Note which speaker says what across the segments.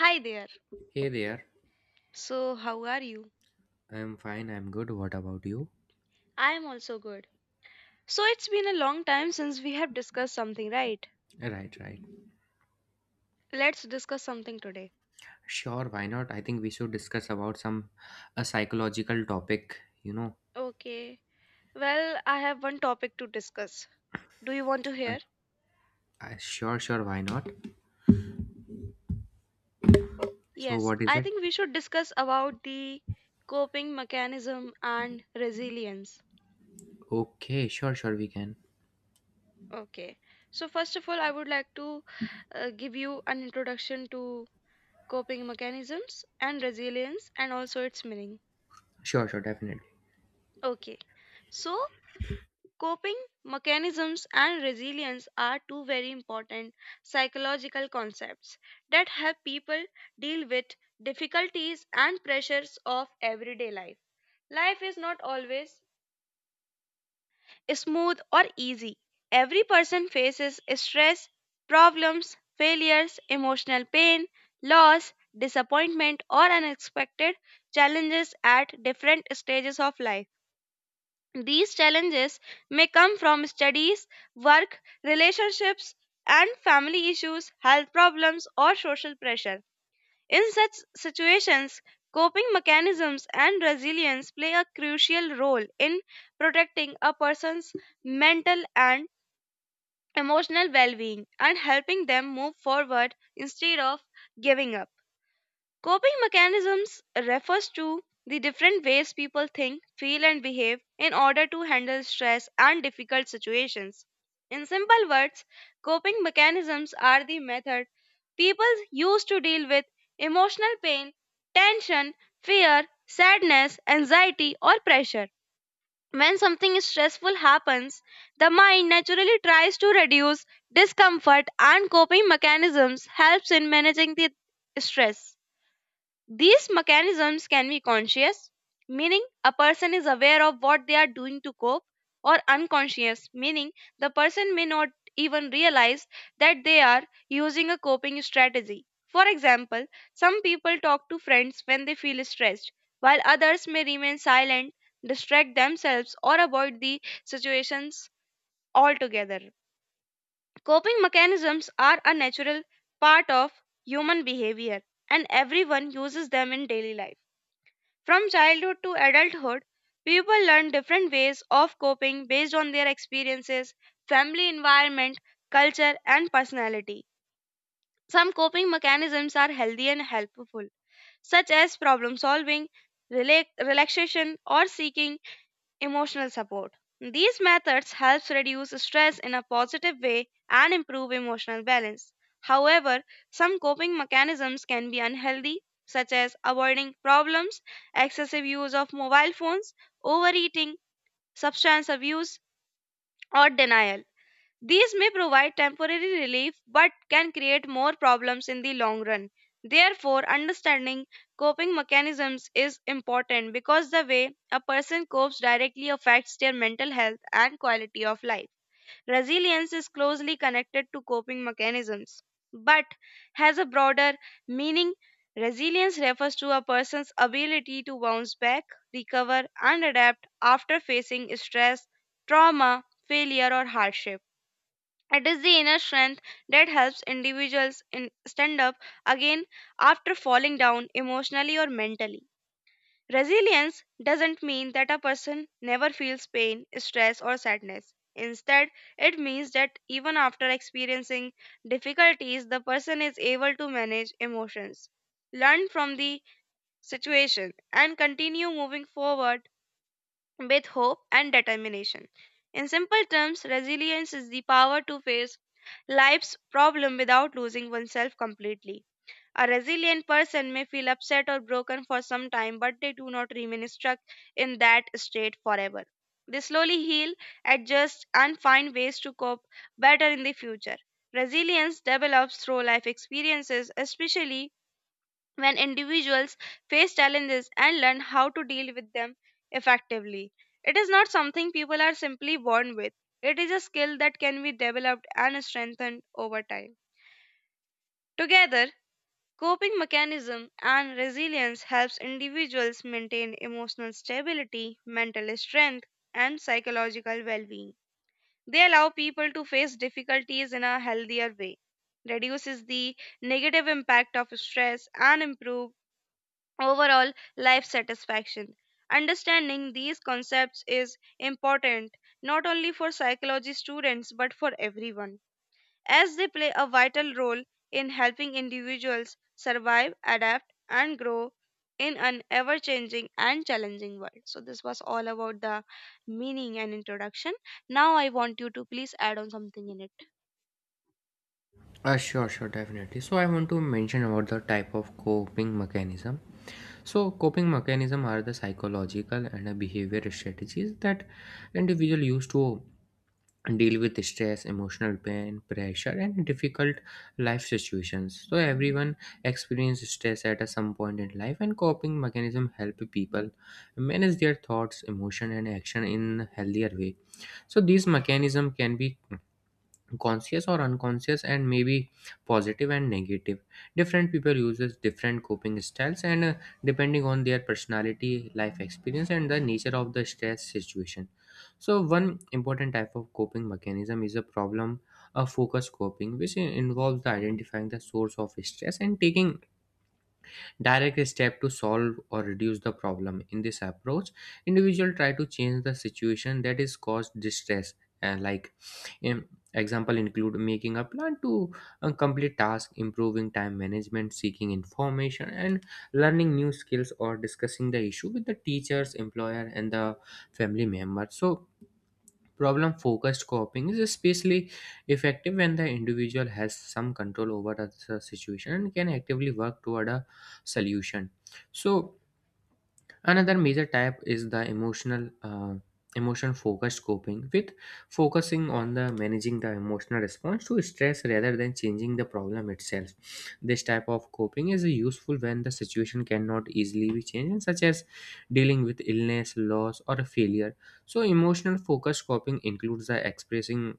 Speaker 1: Hi there.
Speaker 2: Hey there.
Speaker 1: So, how are you?
Speaker 2: I'm fine. I'm good. What about you?
Speaker 1: I am also good. So, it's been a long time since we have discussed something, right?
Speaker 2: Right, right.
Speaker 1: Let's discuss something today.
Speaker 2: Sure, why not? I think we should discuss about some a psychological topic, you know.
Speaker 1: Okay. Well, I have one topic to discuss. Do you want to
Speaker 2: Uh,
Speaker 1: hear?
Speaker 2: sure, why not? So
Speaker 1: Yes,
Speaker 2: what is
Speaker 1: I
Speaker 2: it?
Speaker 1: think we should discuss about the coping mechanism and resilience.
Speaker 2: Okay, sure, we can.
Speaker 1: Okay. So, first of all, I would like to give you an introduction to coping mechanisms and resilience and also its meaning.
Speaker 2: Sure, definitely.
Speaker 1: Okay. So, Coping mechanisms and resilience are two very important psychological concepts that help people deal with difficulties and pressures of everyday life. Life is not always smooth or easy. Every person faces stress, problems, failures, emotional pain, loss, disappointment, or unexpected challenges at different stages of life. These challenges may come from studies, work, relationships, and family issues, health problems, or social pressure. In such situations, coping mechanisms and resilience play a crucial role in protecting a person's mental and emotional well being and helping them move forward instead of giving up. Coping mechanisms refers to the different ways people think, feel and behave in order to handle stress and difficult situations. In simple words, coping mechanisms are the method people use to deal with emotional pain, tension, fear, sadness, anxiety or pressure. When something stressful happens, the mind naturally tries to reduce discomfort and coping mechanisms helps in managing the stress. These mechanisms can be conscious, meaning a person is aware of what they are doing to cope, or unconscious, meaning the person may not even realize that they are using a coping strategy. For example, some people talk to friends when they feel stressed, while others may remain silent, distract themselves, or avoid the situations altogether. Coping mechanisms are a natural part of human behavior, and everyone uses them in daily life. From childhood to adulthood, people learn different ways of coping based on their experiences, family environment, culture, and personality. Some coping mechanisms are healthy and helpful, such as problem solving, rela- relaxation, or seeking Emotional support. These methods helps reduce stress in a positive way and improve emotional balance. However, some coping mechanisms can be unhealthy, such as avoiding problems, excessive use of mobile phones, overeating, substance abuse, or denial. These may provide temporary relief but can create more problems in the long run. Therefore, understanding coping mechanisms is important because the way a person copes directly affects their mental health and quality of life. Resilience is closely connected to coping mechanisms but has a broader meaning. Resilience refers to a person's ability to bounce back, recover, and adapt after facing stress, trauma, failure, or hardship. It is the inner strength that helps individuals in stand up again after falling down emotionally or mentally. Resilience doesn't mean that a person never feels pain, stress, or sadness. Instead, it means that even after experiencing difficulties, the person is able to manage emotions, learn from the situation, and continue moving forward with hope and determination. In simple terms, resilience is the power to face life's problem without losing oneself completely. A resilient person may feel upset or broken for some time, but they do not remain stuck in that state forever. They slowly heal, adjust, and find ways to cope better in the future. Resilience develops through life experiences, especially when individuals face challenges and learn how to deal with them effectively. It is not something people are simply born with, it is a skill that can be developed and strengthened over time. Together, coping mechanism and resilience helps individuals maintain emotional stability, mental strength, and psychological well-being. They allow people to face difficulties in a healthier way, reduces the negative impact of stress and improve overall life satisfaction. Understanding these concepts is important not only for psychology students but for everyone, as they play a vital role in helping individuals survive, adapt, and grow in an ever changing and challenging world. So, this was all about the meaning and introduction. Now, I want you to please add on something in it.
Speaker 2: Sure, definitely. So I want to mention about the type of coping mechanism. So coping mechanism are the psychological and behavior strategies that individual use to deal with stress, emotional pain, pressure, and difficult life situations. So everyone experiences stress at some point in life, and coping mechanism help people manage their thoughts, emotion, and action in healthier way. So these mechanism can be conscious or unconscious and maybe positive and negative. Different people uses different coping styles, and depending on their personality, life experience, and the nature of the stress situation. So one important type of coping mechanism is a problem a focus coping, which involves the identifying the source of stress and taking direct step to solve or reduce the problem. In this approach, individual try to change the situation that is caused distress. And like um, example include making a plan to complete task, improving time management, seeking information, and learning new skills, or discussing the issue with the teachers, employer, and the family member. So problem focused coping is especially effective when the individual has some control over the situation and can actively work toward a solution. So another major type is the emotion focused coping, with focusing on the managing the emotional response to stress rather than changing the problem itself. This type of coping is useful when the situation cannot easily be changed, such as dealing with illness, loss, or a failure. So emotional focused coping includes the expressing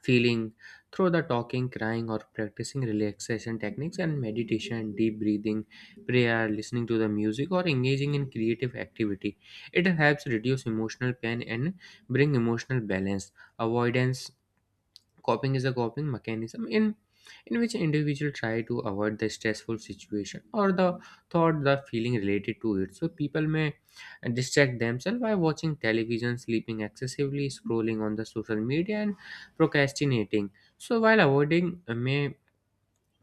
Speaker 2: feeling through the talking, crying, or practicing relaxation techniques and meditation, deep breathing, prayer, listening to the music, or engaging in creative activity. It helps reduce emotional pain and bring emotional balance. Avoidance coping is a coping mechanism in which individual try to avoid the stressful situation or the thought the feeling related to it. So people may distract themselves by watching television, sleeping excessively, scrolling on the social media, and procrastinating. So while avoiding may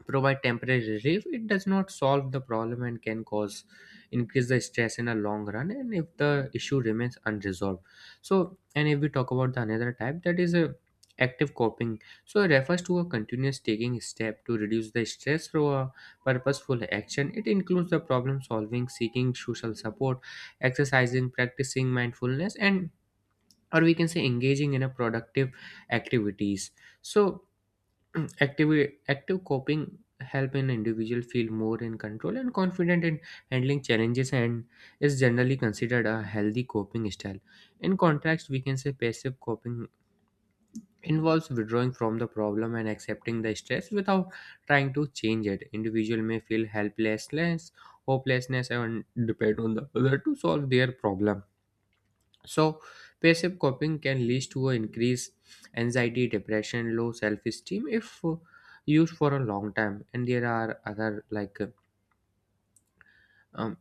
Speaker 2: provide temporary relief, it does not solve the problem and can cause increase the stress in a long run, and if the issue remains unresolved. So and if we talk about the another type, that is a active coping. So it refers to a continuous taking step to reduce the stress through a purposeful action. It includes the problem solving, seeking social support, exercising, practicing mindfulness, and or we can say engaging in a productive activities. So active active coping help an individual feel more in control and confident in handling challenges, and is generally considered a healthy coping style. In contrast, we can say passive coping involves withdrawing from the problem and accepting the stress without trying to change it. Individual may feel helplessness, hopelessness, and depend on the other to solve their problem. So, passive coping can lead to an increased anxiety, depression, low self esteem if used for a long time. And there are other like um,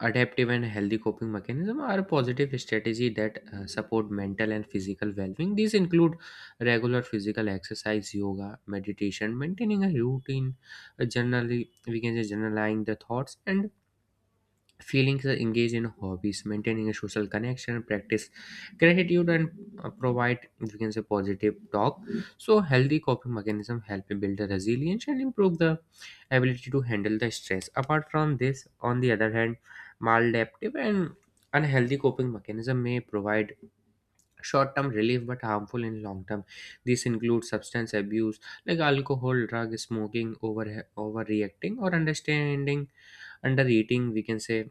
Speaker 2: adaptive and healthy coping mechanism are a positive strategy that support mental and physical well-being. These include regular physical exercise, yoga, meditation, maintaining a routine, generally we can say journaling the thoughts and feelings, are engaged in hobbies, maintaining a social connection, practice gratitude, and provide we can say positive talk. So healthy coping mechanism help build the resilience and improve the ability to handle the stress. Apart from this, on the other hand, maladaptive and unhealthy coping mechanism may provide short-term relief but harmful in long term. This includes substance abuse like alcohol, drug, smoking, overreacting or understanding, under eating, we can say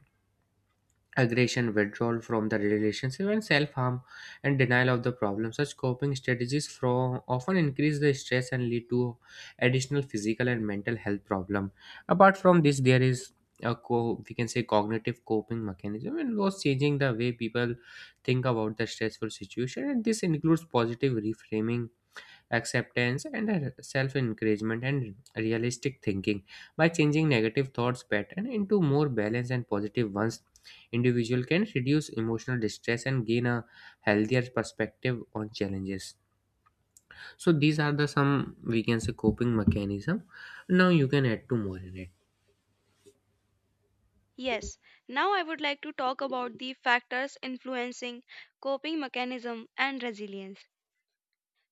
Speaker 2: aggression, withdrawal from the relationship, and self-harm, and denial of the problem. Such coping strategies from often increase the stress and lead to additional physical and mental health problem. Apart from this, there is we can say cognitive coping mechanism, and was changing the way people think about the stressful situation. And this includes positive reframing, acceptance, and self encouragement, and realistic thinking. By changing negative thoughts pattern into more balanced and positive ones, individual can reduce emotional distress and gain a healthier perspective on challenges. So these are the some, we can say, coping mechanism. Now you can add two more in it.
Speaker 1: Yes, now I would like to talk about the factors influencing coping mechanism and resilience.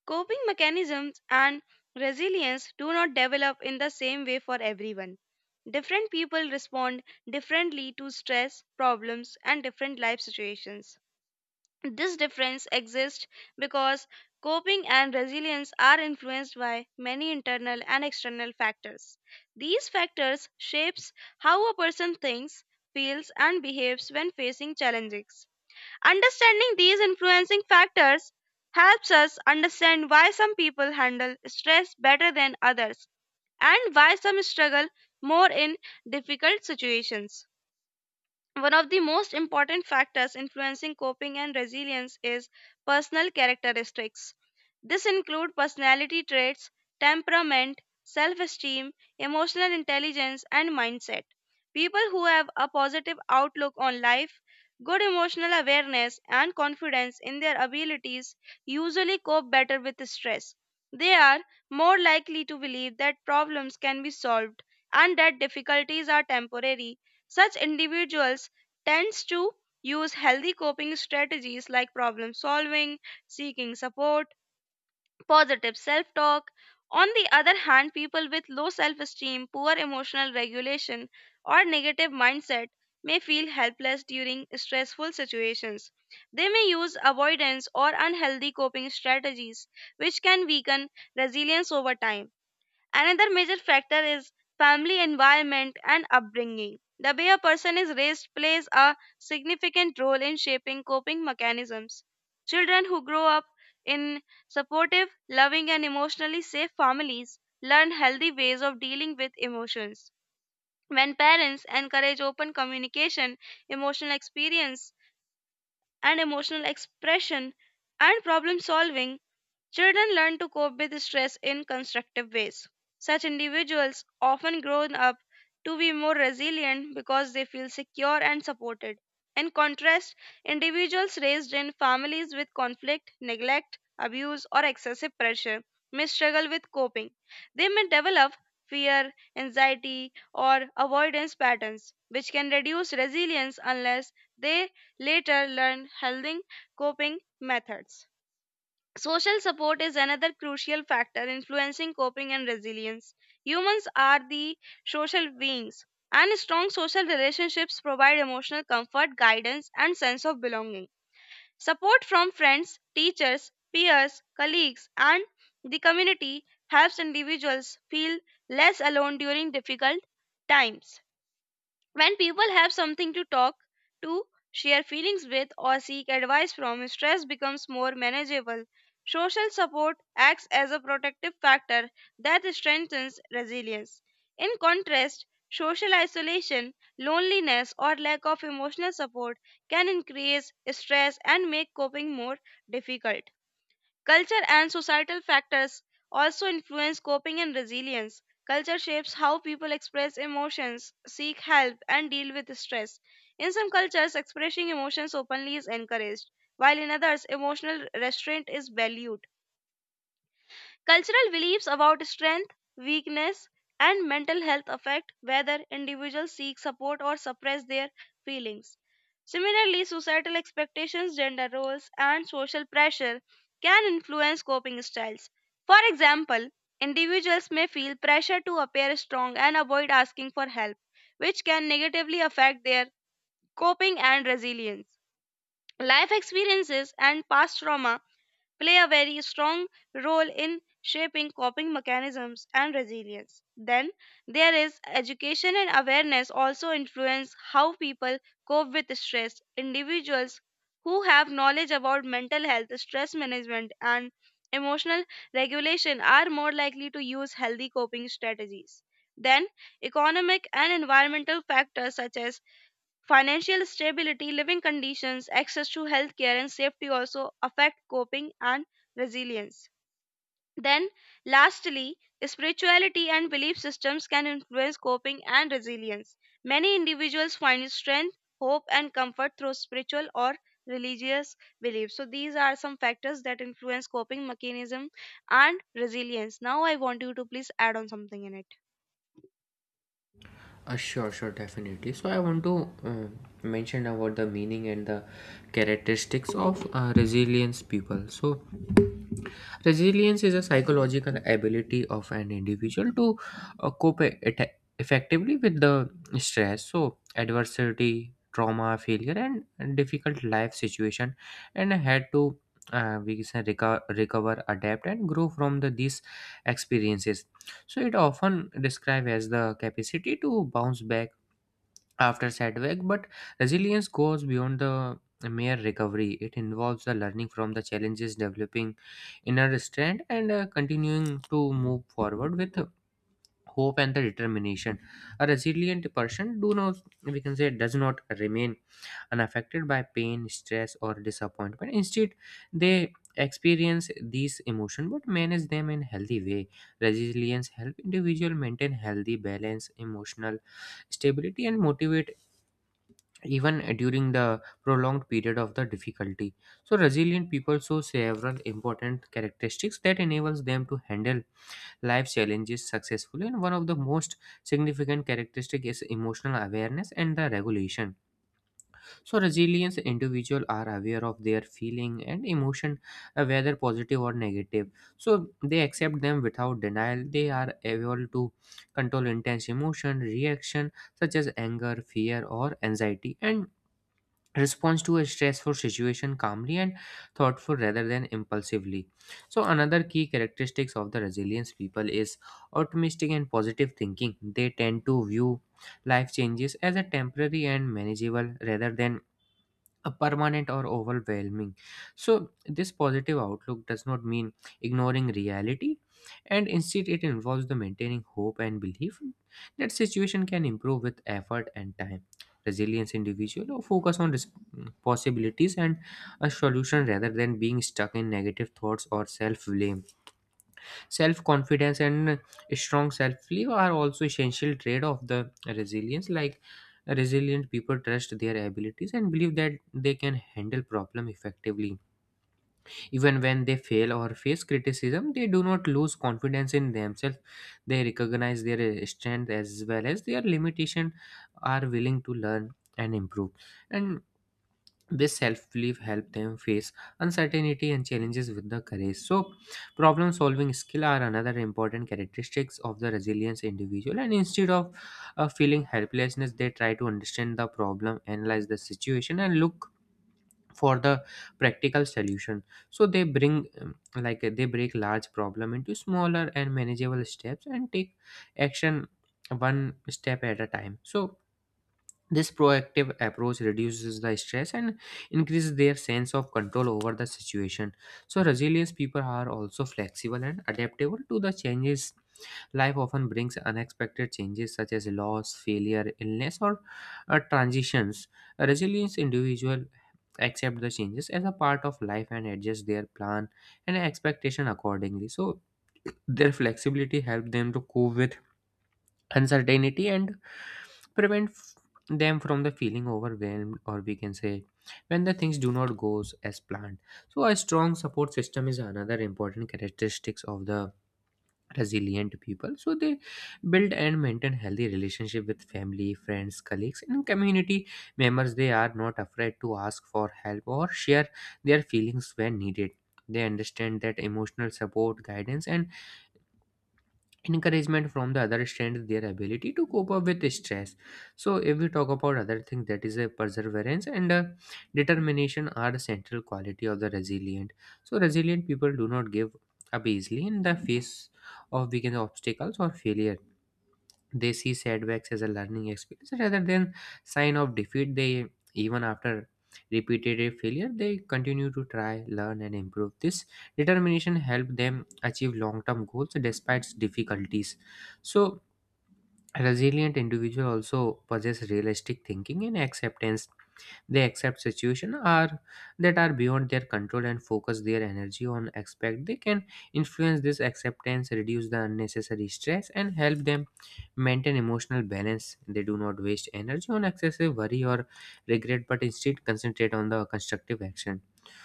Speaker 1: Coping mechanisms and resilience do not develop in the same way for everyone. Different people respond differently to stress, problems, and different life situations. This difference exists because coping and resilience are influenced by many internal and external factors. These factors shapes how a person thinks, feels and behaves when facing challenges. Understanding these influencing factors helps us understand why some people handle stress better than others and why some struggle more in difficult situations. One of the most important factors influencing coping and resilience is personal characteristics. This include personality traits, temperament, self-esteem, emotional intelligence and mindset. People who have a positive outlook on life, good emotional awareness and confidence in their abilities usually cope better with stress. They are more likely to believe that problems can be solved and that difficulties are temporary such individuals tends to use healthy coping strategies like problem solving, seeking support, positive self talk. On the other hand, people with low self esteem, poor emotional regulation, or negative mindset may feel helpless during stressful situations. They may use avoidance or unhealthy coping strategies, which can weaken resilience over time. Another major factor is family environment and upbringing. The way a person is raised plays a significant role in shaping coping mechanisms. Children who grow up in supportive, loving, and emotionally safe families learn healthy ways of dealing with emotions. When parents encourage open communication, emotional experience, and emotional expression and problem solving, Children learn to cope with stress in constructive ways. Such individuals often grow up to be more resilient because they feel secure and supported. In contrast, individuals raised in families with conflict, neglect, abuse, or excessive pressure may struggle with coping. They may develop fear, anxiety, or avoidance patterns, which can reduce resilience unless they later learn healthy coping methods. Social support is another crucial factor influencing coping and resilience. Humans are the social beings, and strong social relationships provide emotional comfort, guidance, and sense of belonging. Support from friends, teachers, peers, colleagues, and the community helps individuals feel less alone during difficult times. When people have something to talk to, share feelings with, or seek advice from, stress becomes more manageable. Social support acts as a protective factor that strengthens resilience. In contrast, social isolation, loneliness, or lack of emotional support can increase stress and make coping more difficult. Culture and societal factors also influence coping and resilience. Culture shapes how people express emotions, seek help, and deal with stress. In some cultures, expressing emotions openly is encouraged, while in others, emotional restraint is valued. Cultural beliefs about strength, weakness, and mental health affect whether individuals seek support or suppress their feelings. Similarly, societal expectations, gender roles, and social pressure can influence coping styles. For example, individuals may feel pressure to appear strong and avoid asking for help, which can negatively affect their coping and resilience. Life experiences and past trauma play a very strong role in shaping coping mechanisms and resilience. Then there is education and awareness also influence how people cope with stress. Individuals who have knowledge about mental health, stress management, and emotional regulation are more likely to use healthy coping strategies. Then, economic and environmental factors such as Financial stability, living conditions, access to healthcare, and safety also affect coping and resilience. Then, lastly, spirituality and belief systems can influence coping and resilience. Many individuals find strength, hope, and comfort through spiritual or religious beliefs. So, these are some factors that influence coping mechanism and resilience. Now, I want you to please add on something in it.
Speaker 2: Sure, definitely. So I want to mention about the meaning and the characteristics of resilience people. So resilience is a psychological ability of an individual to cope effectively with the stress, so adversity, trauma, failure, and difficult life situation, and had to we can say recover, adapt, and grow from the these experiences. So it often described as the capacity to bounce back after setback, but resilience goes beyond the mere recovery. It involves the learning from the challenges, developing inner strength, and continuing to move forward with hope and the determination. A resilient person do not we can say does not remain unaffected by pain, stress, or disappointment. Instead, they experience these emotions but manage them in healthy way. Resilience help individual maintain healthy balance, emotional stability, and motivate, even during the prolonged period of the difficulty. So resilient people show several important characteristics that enables them to handle life challenges successfully. And one of the most significant characteristic is emotional awareness and the regulation. So resilient individual are aware of their feeling and emotion, whether positive or negative. So they accept them without denial. They are able to control intense emotion, reaction such as anger, fear, or anxiety, and response to a stressful situation calmly and thoughtful rather than impulsively. So another key characteristics of the resilience people is optimistic and positive thinking. They tend to view life changes as a temporary and manageable rather than a permanent or overwhelming. So, this positive outlook does not mean ignoring reality, and instead, it involves the maintaining hope and belief that situation can improve with effort and time. Resilience individual or focus on possibilities and a solution rather than being stuck in negative thoughts or self blame. Self confidence and strong self belief are also essential trait of the resilience. Like resilient people trust their abilities and believe that they can handle problem effectively. Even when they fail or face criticism, they do not lose confidence in themselves. They recognize their strength as well as their limitation, are willing to learn and improve. And this self-belief help them face uncertainty and challenges with the courage. So problem solving skill are another important characteristics of the resilience individual. And instead of feeling helplessness, they try to understand the problem, analyze the situation, and look for the practical solution. So they bring they break large problem into smaller and manageable steps and take action one step at a time. So this proactive approach reduces the stress and increases their sense of control over the situation. So, resilient people are also flexible and adaptable to the changes. Life often brings unexpected changes such as loss, failure, illness, or transitions. A resilient individual accept the changes as a part of life and adjust their plan and expectation accordingly. So, their flexibility help them to cope with uncertainty and prevent them from the feeling overwhelmed, or we can say when the things do not goes as planned. So a strong support system is another important characteristics of the resilient people. So they build and maintain healthy relationship with family, friends, colleagues, and community members. They are not afraid to ask for help or share their feelings when needed. They understand that emotional support, guidance, and encouragement from the other strengthens their ability to cope up with stress. So if we talk about other thing, that is a perseverance and determination are the central quality of the resilient. So resilient people do not give up easily in the face of weakened obstacles or failure. They see setbacks as a learning experience rather than sign of defeat. They even after repeated failure, they continue to try, learn, and improve. This determination help them achieve long-term goals despite difficulties. So, resilient individual also possess realistic thinking and acceptance. They accept situations are that are beyond their control and focus their energy on aspect they can influence. This acceptance reduce the unnecessary stress and help them maintain emotional balance. They do not waste energy on excessive worry or regret, but instead concentrate on the constructive action.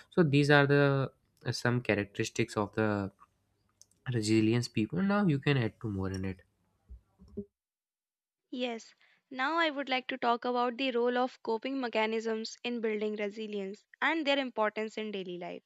Speaker 2: So these are the some characteristics of the resilience people. Now you can add to more in it.
Speaker 1: Yes, now I would like to talk about the role of coping mechanisms in building resilience and their importance in daily life.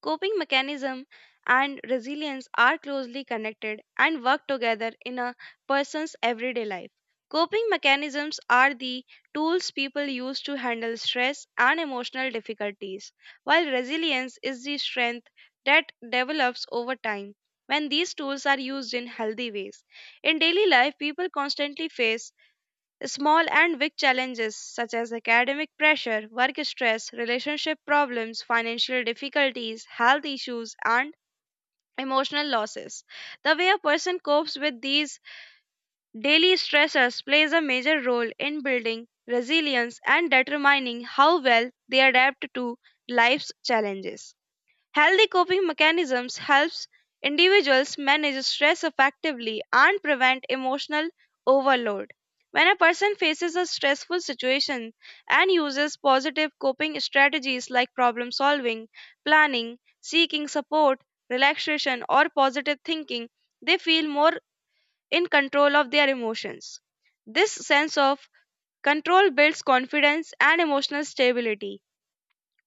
Speaker 1: Coping mechanism and resilience are closely connected and work together in a person's everyday life. Coping mechanisms are the tools people use to handle stress and emotional difficulties, while resilience is the strength that develops over time when these tools are used in healthy ways. In daily life, people constantly face Small and big challenges such as academic pressure, work stress, relationship problems, financial difficulties, health issues, and emotional losses. The way a person copes with these daily stressors plays a major role in building resilience and determining how well they adapt to life's challenges. Healthy coping mechanisms helps individuals manage stress effectively and prevent emotional overload. When a person faces a stressful situation and uses positive coping strategies like problem solving, planning, seeking support, relaxation, or positive thinking, they feel more in control of their emotions. This sense of control builds confidence and emotional stability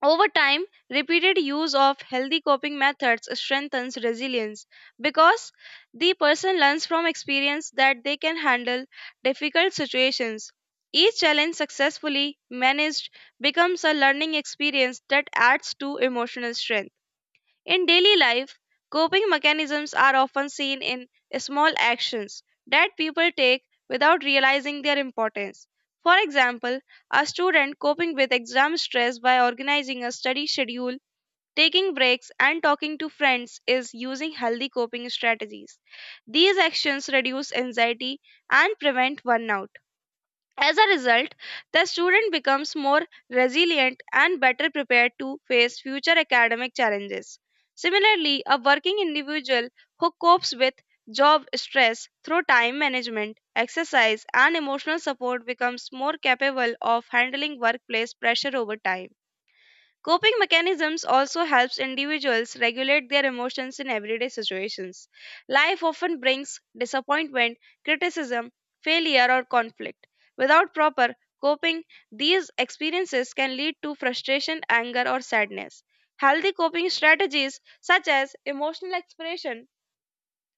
Speaker 1: over time, repeated use of healthy coping methods strengthens resilience because the person learns from experience that they can handle difficult situations. Each challenge successfully managed becomes a learning experience that adds to emotional strength. In daily life, coping mechanisms are often seen in small actions that people take without realizing their importance. For example, a student coping with exam stress by organizing a study schedule, taking breaks, and talking to friends is using healthy coping strategies. These actions reduce anxiety and prevent burnout. As a result, the student becomes more resilient and better prepared to face future academic challenges. Similarly, a working individual who copes with job stress through time management, exercise, and emotional support becomes more capable of handling workplace pressure over time. Coping mechanisms also helps individuals regulate their emotions in everyday situations. Life often brings disappointment, criticism, failure or conflict. Without proper coping, these experiences can lead to frustration, anger or sadness. Healthy coping strategies such as emotional expression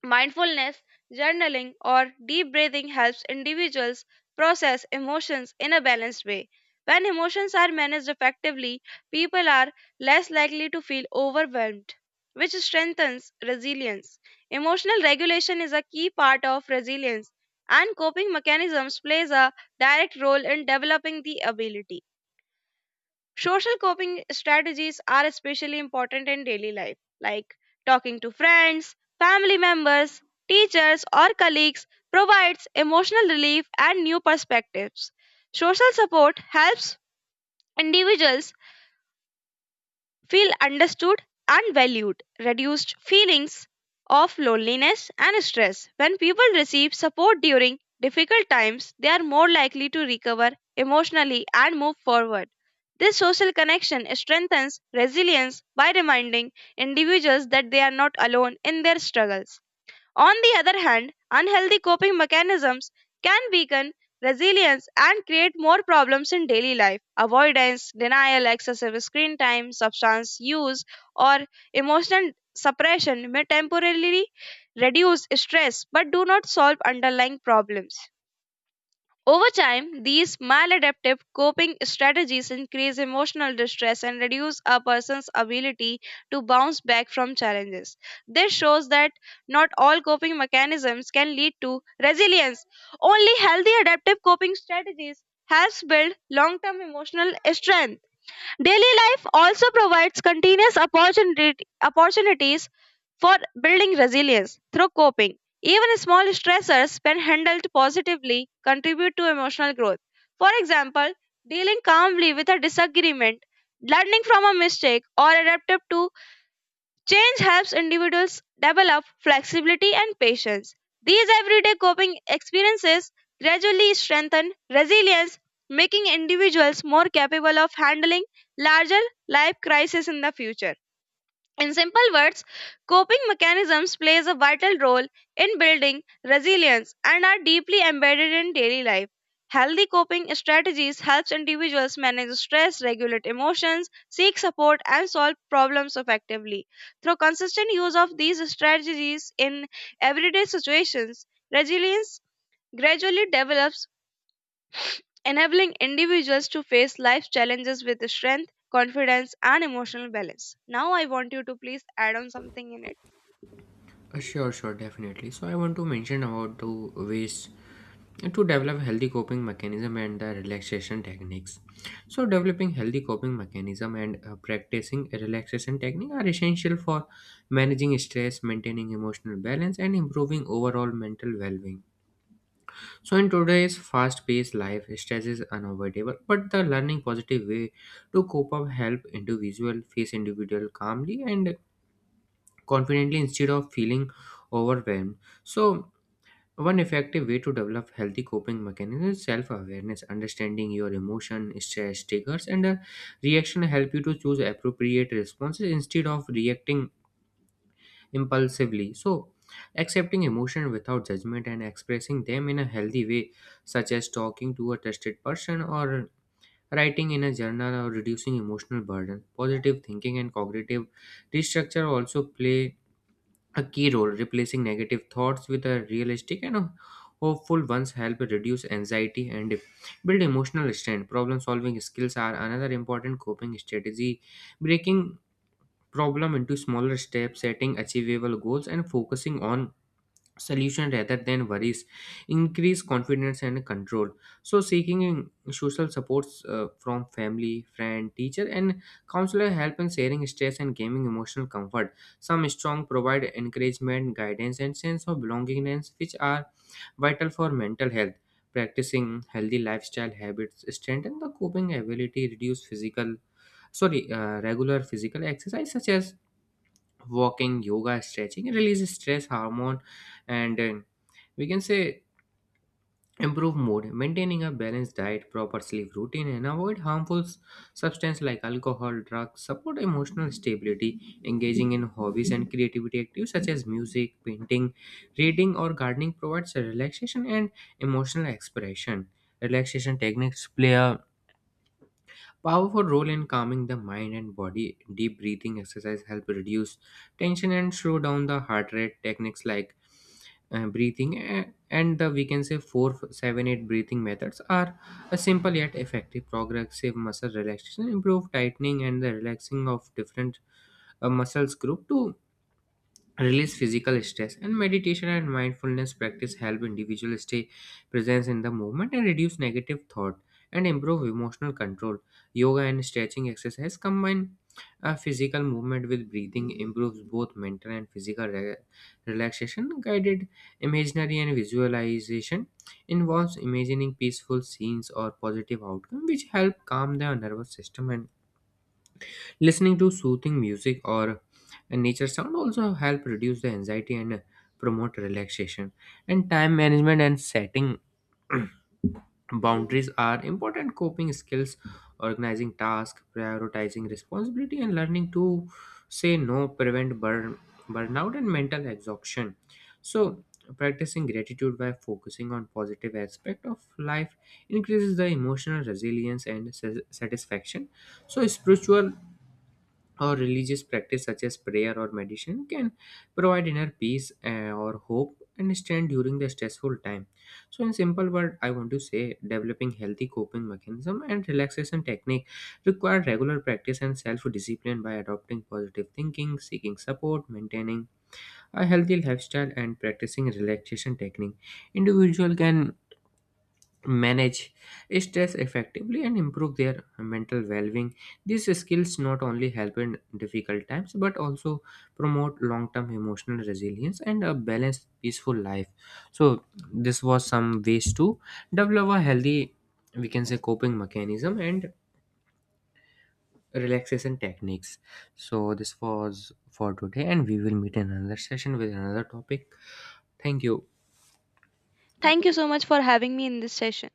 Speaker 1: Mindfulness, journaling, or deep breathing helps individuals process emotions in a balanced way. When emotions are managed effectively, people are less likely to feel overwhelmed, which strengthens resilience. Emotional regulation is a key part of resilience, and coping mechanisms plays a direct role in developing the ability. Social coping strategies are especially important in daily life, like talking to friends, family members, teachers, or colleagues provides emotional relief and new perspectives. Social support helps individuals feel understood and valued, reduced feelings of loneliness and stress. When people receive support during difficult times, they are more likely to recover emotionally and move forward. This social connection strengthens resilience by reminding individuals that they are not alone in their struggles. On the other hand, unhealthy coping mechanisms can weaken resilience and create more problems in daily life. Avoidance, denial, excessive screen time, substance use, or emotional suppression may temporarily reduce stress but do not solve underlying problems. Over time, these maladaptive coping strategies increase emotional distress and reduce a person's ability to bounce back from challenges. This shows that not all coping mechanisms can lead to resilience. Only healthy adaptive coping strategies helps build long-term emotional strength. Daily life also provides continuous opportunities for building resilience through coping. Even small stressors, when handled positively, contribute to emotional growth. For example, dealing calmly with a disagreement, learning from a mistake, or adapting to Change helps individuals develop flexibility and patience. These everyday coping experiences gradually strengthen resilience, making individuals more capable of handling larger life crises in the future. In simple words, coping mechanisms plays a vital role in building resilience and are deeply embedded in daily life. Healthy coping strategies helps individuals manage stress, regulate emotions, seek support and solve problems effectively. Through consistent use of these strategies in everyday situations, resilience gradually develops enabling individuals to face life's challenges with strength, confidence, and emotional balance. Now, I want you to please add on something in it.
Speaker 2: Sure, definitely. So I want to mention about two ways to develop healthy coping mechanism and the relaxation techniques. So developing healthy coping mechanism and practicing a relaxation technique are essential for managing stress, maintaining emotional balance, and improving overall mental well-being. So in today's fast-paced life, stress is unavoidable, but the learning positive way to cope up help individual face individual calmly and confidently instead of feeling overwhelmed. So, one effective way to develop healthy coping mechanisms is self-awareness, understanding your emotion, stress triggers, and reaction help you to choose appropriate responses instead of reacting impulsively. So, accepting emotion without judgment and expressing them in a healthy way, such as talking to a trusted person or writing in a journal or reducing emotional burden. Positive thinking and cognitive restructure also play a key role replacing negative thoughts with a realistic and a hopeful ones help reduce anxiety and build emotional strength. Problem solving skills are another important coping strategy, breaking problem into smaller steps, setting achievable goals, and focusing on solution rather than worries increase confidence and control. So seeking social supports from family friend teacher and counselor help in sharing stress and gaining emotional comfort. Some strong provide encouragement guidance and sense of belongingness which are vital for mental health. Practicing healthy lifestyle habits strengthen the coping ability reduce physical sorry regular physical exercise such as walking yoga stretching release stress hormone and we can say improve mood, maintaining a balanced diet, proper sleep routine, and avoid harmful substances like alcohol, drugs, support emotional stability, engaging in hobbies and creativity activities such as music, painting, reading, or gardening provides a relaxation and emotional expression. Relaxation techniques play a powerful role in calming the mind and body. Deep breathing exercise help reduce tension and slow down the heart rate. Techniques like breathing and the we can say 4 7 8 breathing methods are a simple yet effective. Progressive muscle relaxation improve tightening and the relaxing of different muscles group to release physical stress. And meditation and mindfulness practice help individuals stay present in the moment and reduce negative thought and improve emotional control. Yoga and stretching exercise combine physical movement with breathing improves both mental and physical relaxation. Guided imaginary and visualization involves imagining peaceful scenes or positive outcome which help calm the nervous system. And listening to soothing music or a nature sound also help reduce the anxiety and promote relaxation. And time management and setting boundaries are important coping skills. Organizing tasks, prioritizing responsibility, and learning to say no prevent burnout and mental exhaustion. So practicing gratitude by focusing on positive aspect of life increases the emotional resilience and satisfaction. So spiritual or religious practice such as prayer or meditation can provide inner peace or hope and strength during the stressful time. So in simple word I want to say developing healthy coping mechanism and relaxation technique require regular practice and self discipline. By adopting positive thinking, seeking support, maintaining a healthy lifestyle and practicing relaxation technique, individual can manage stress effectively and improve their mental well-being. These skills not only help in difficult times but also promote long-term emotional resilience and a balanced peaceful life. So this was some ways to develop a healthy we can say coping mechanism and relaxation techniques. So this was for today and we will meet in another session with another topic. Thank you.
Speaker 1: Thank you so much for having me in this session.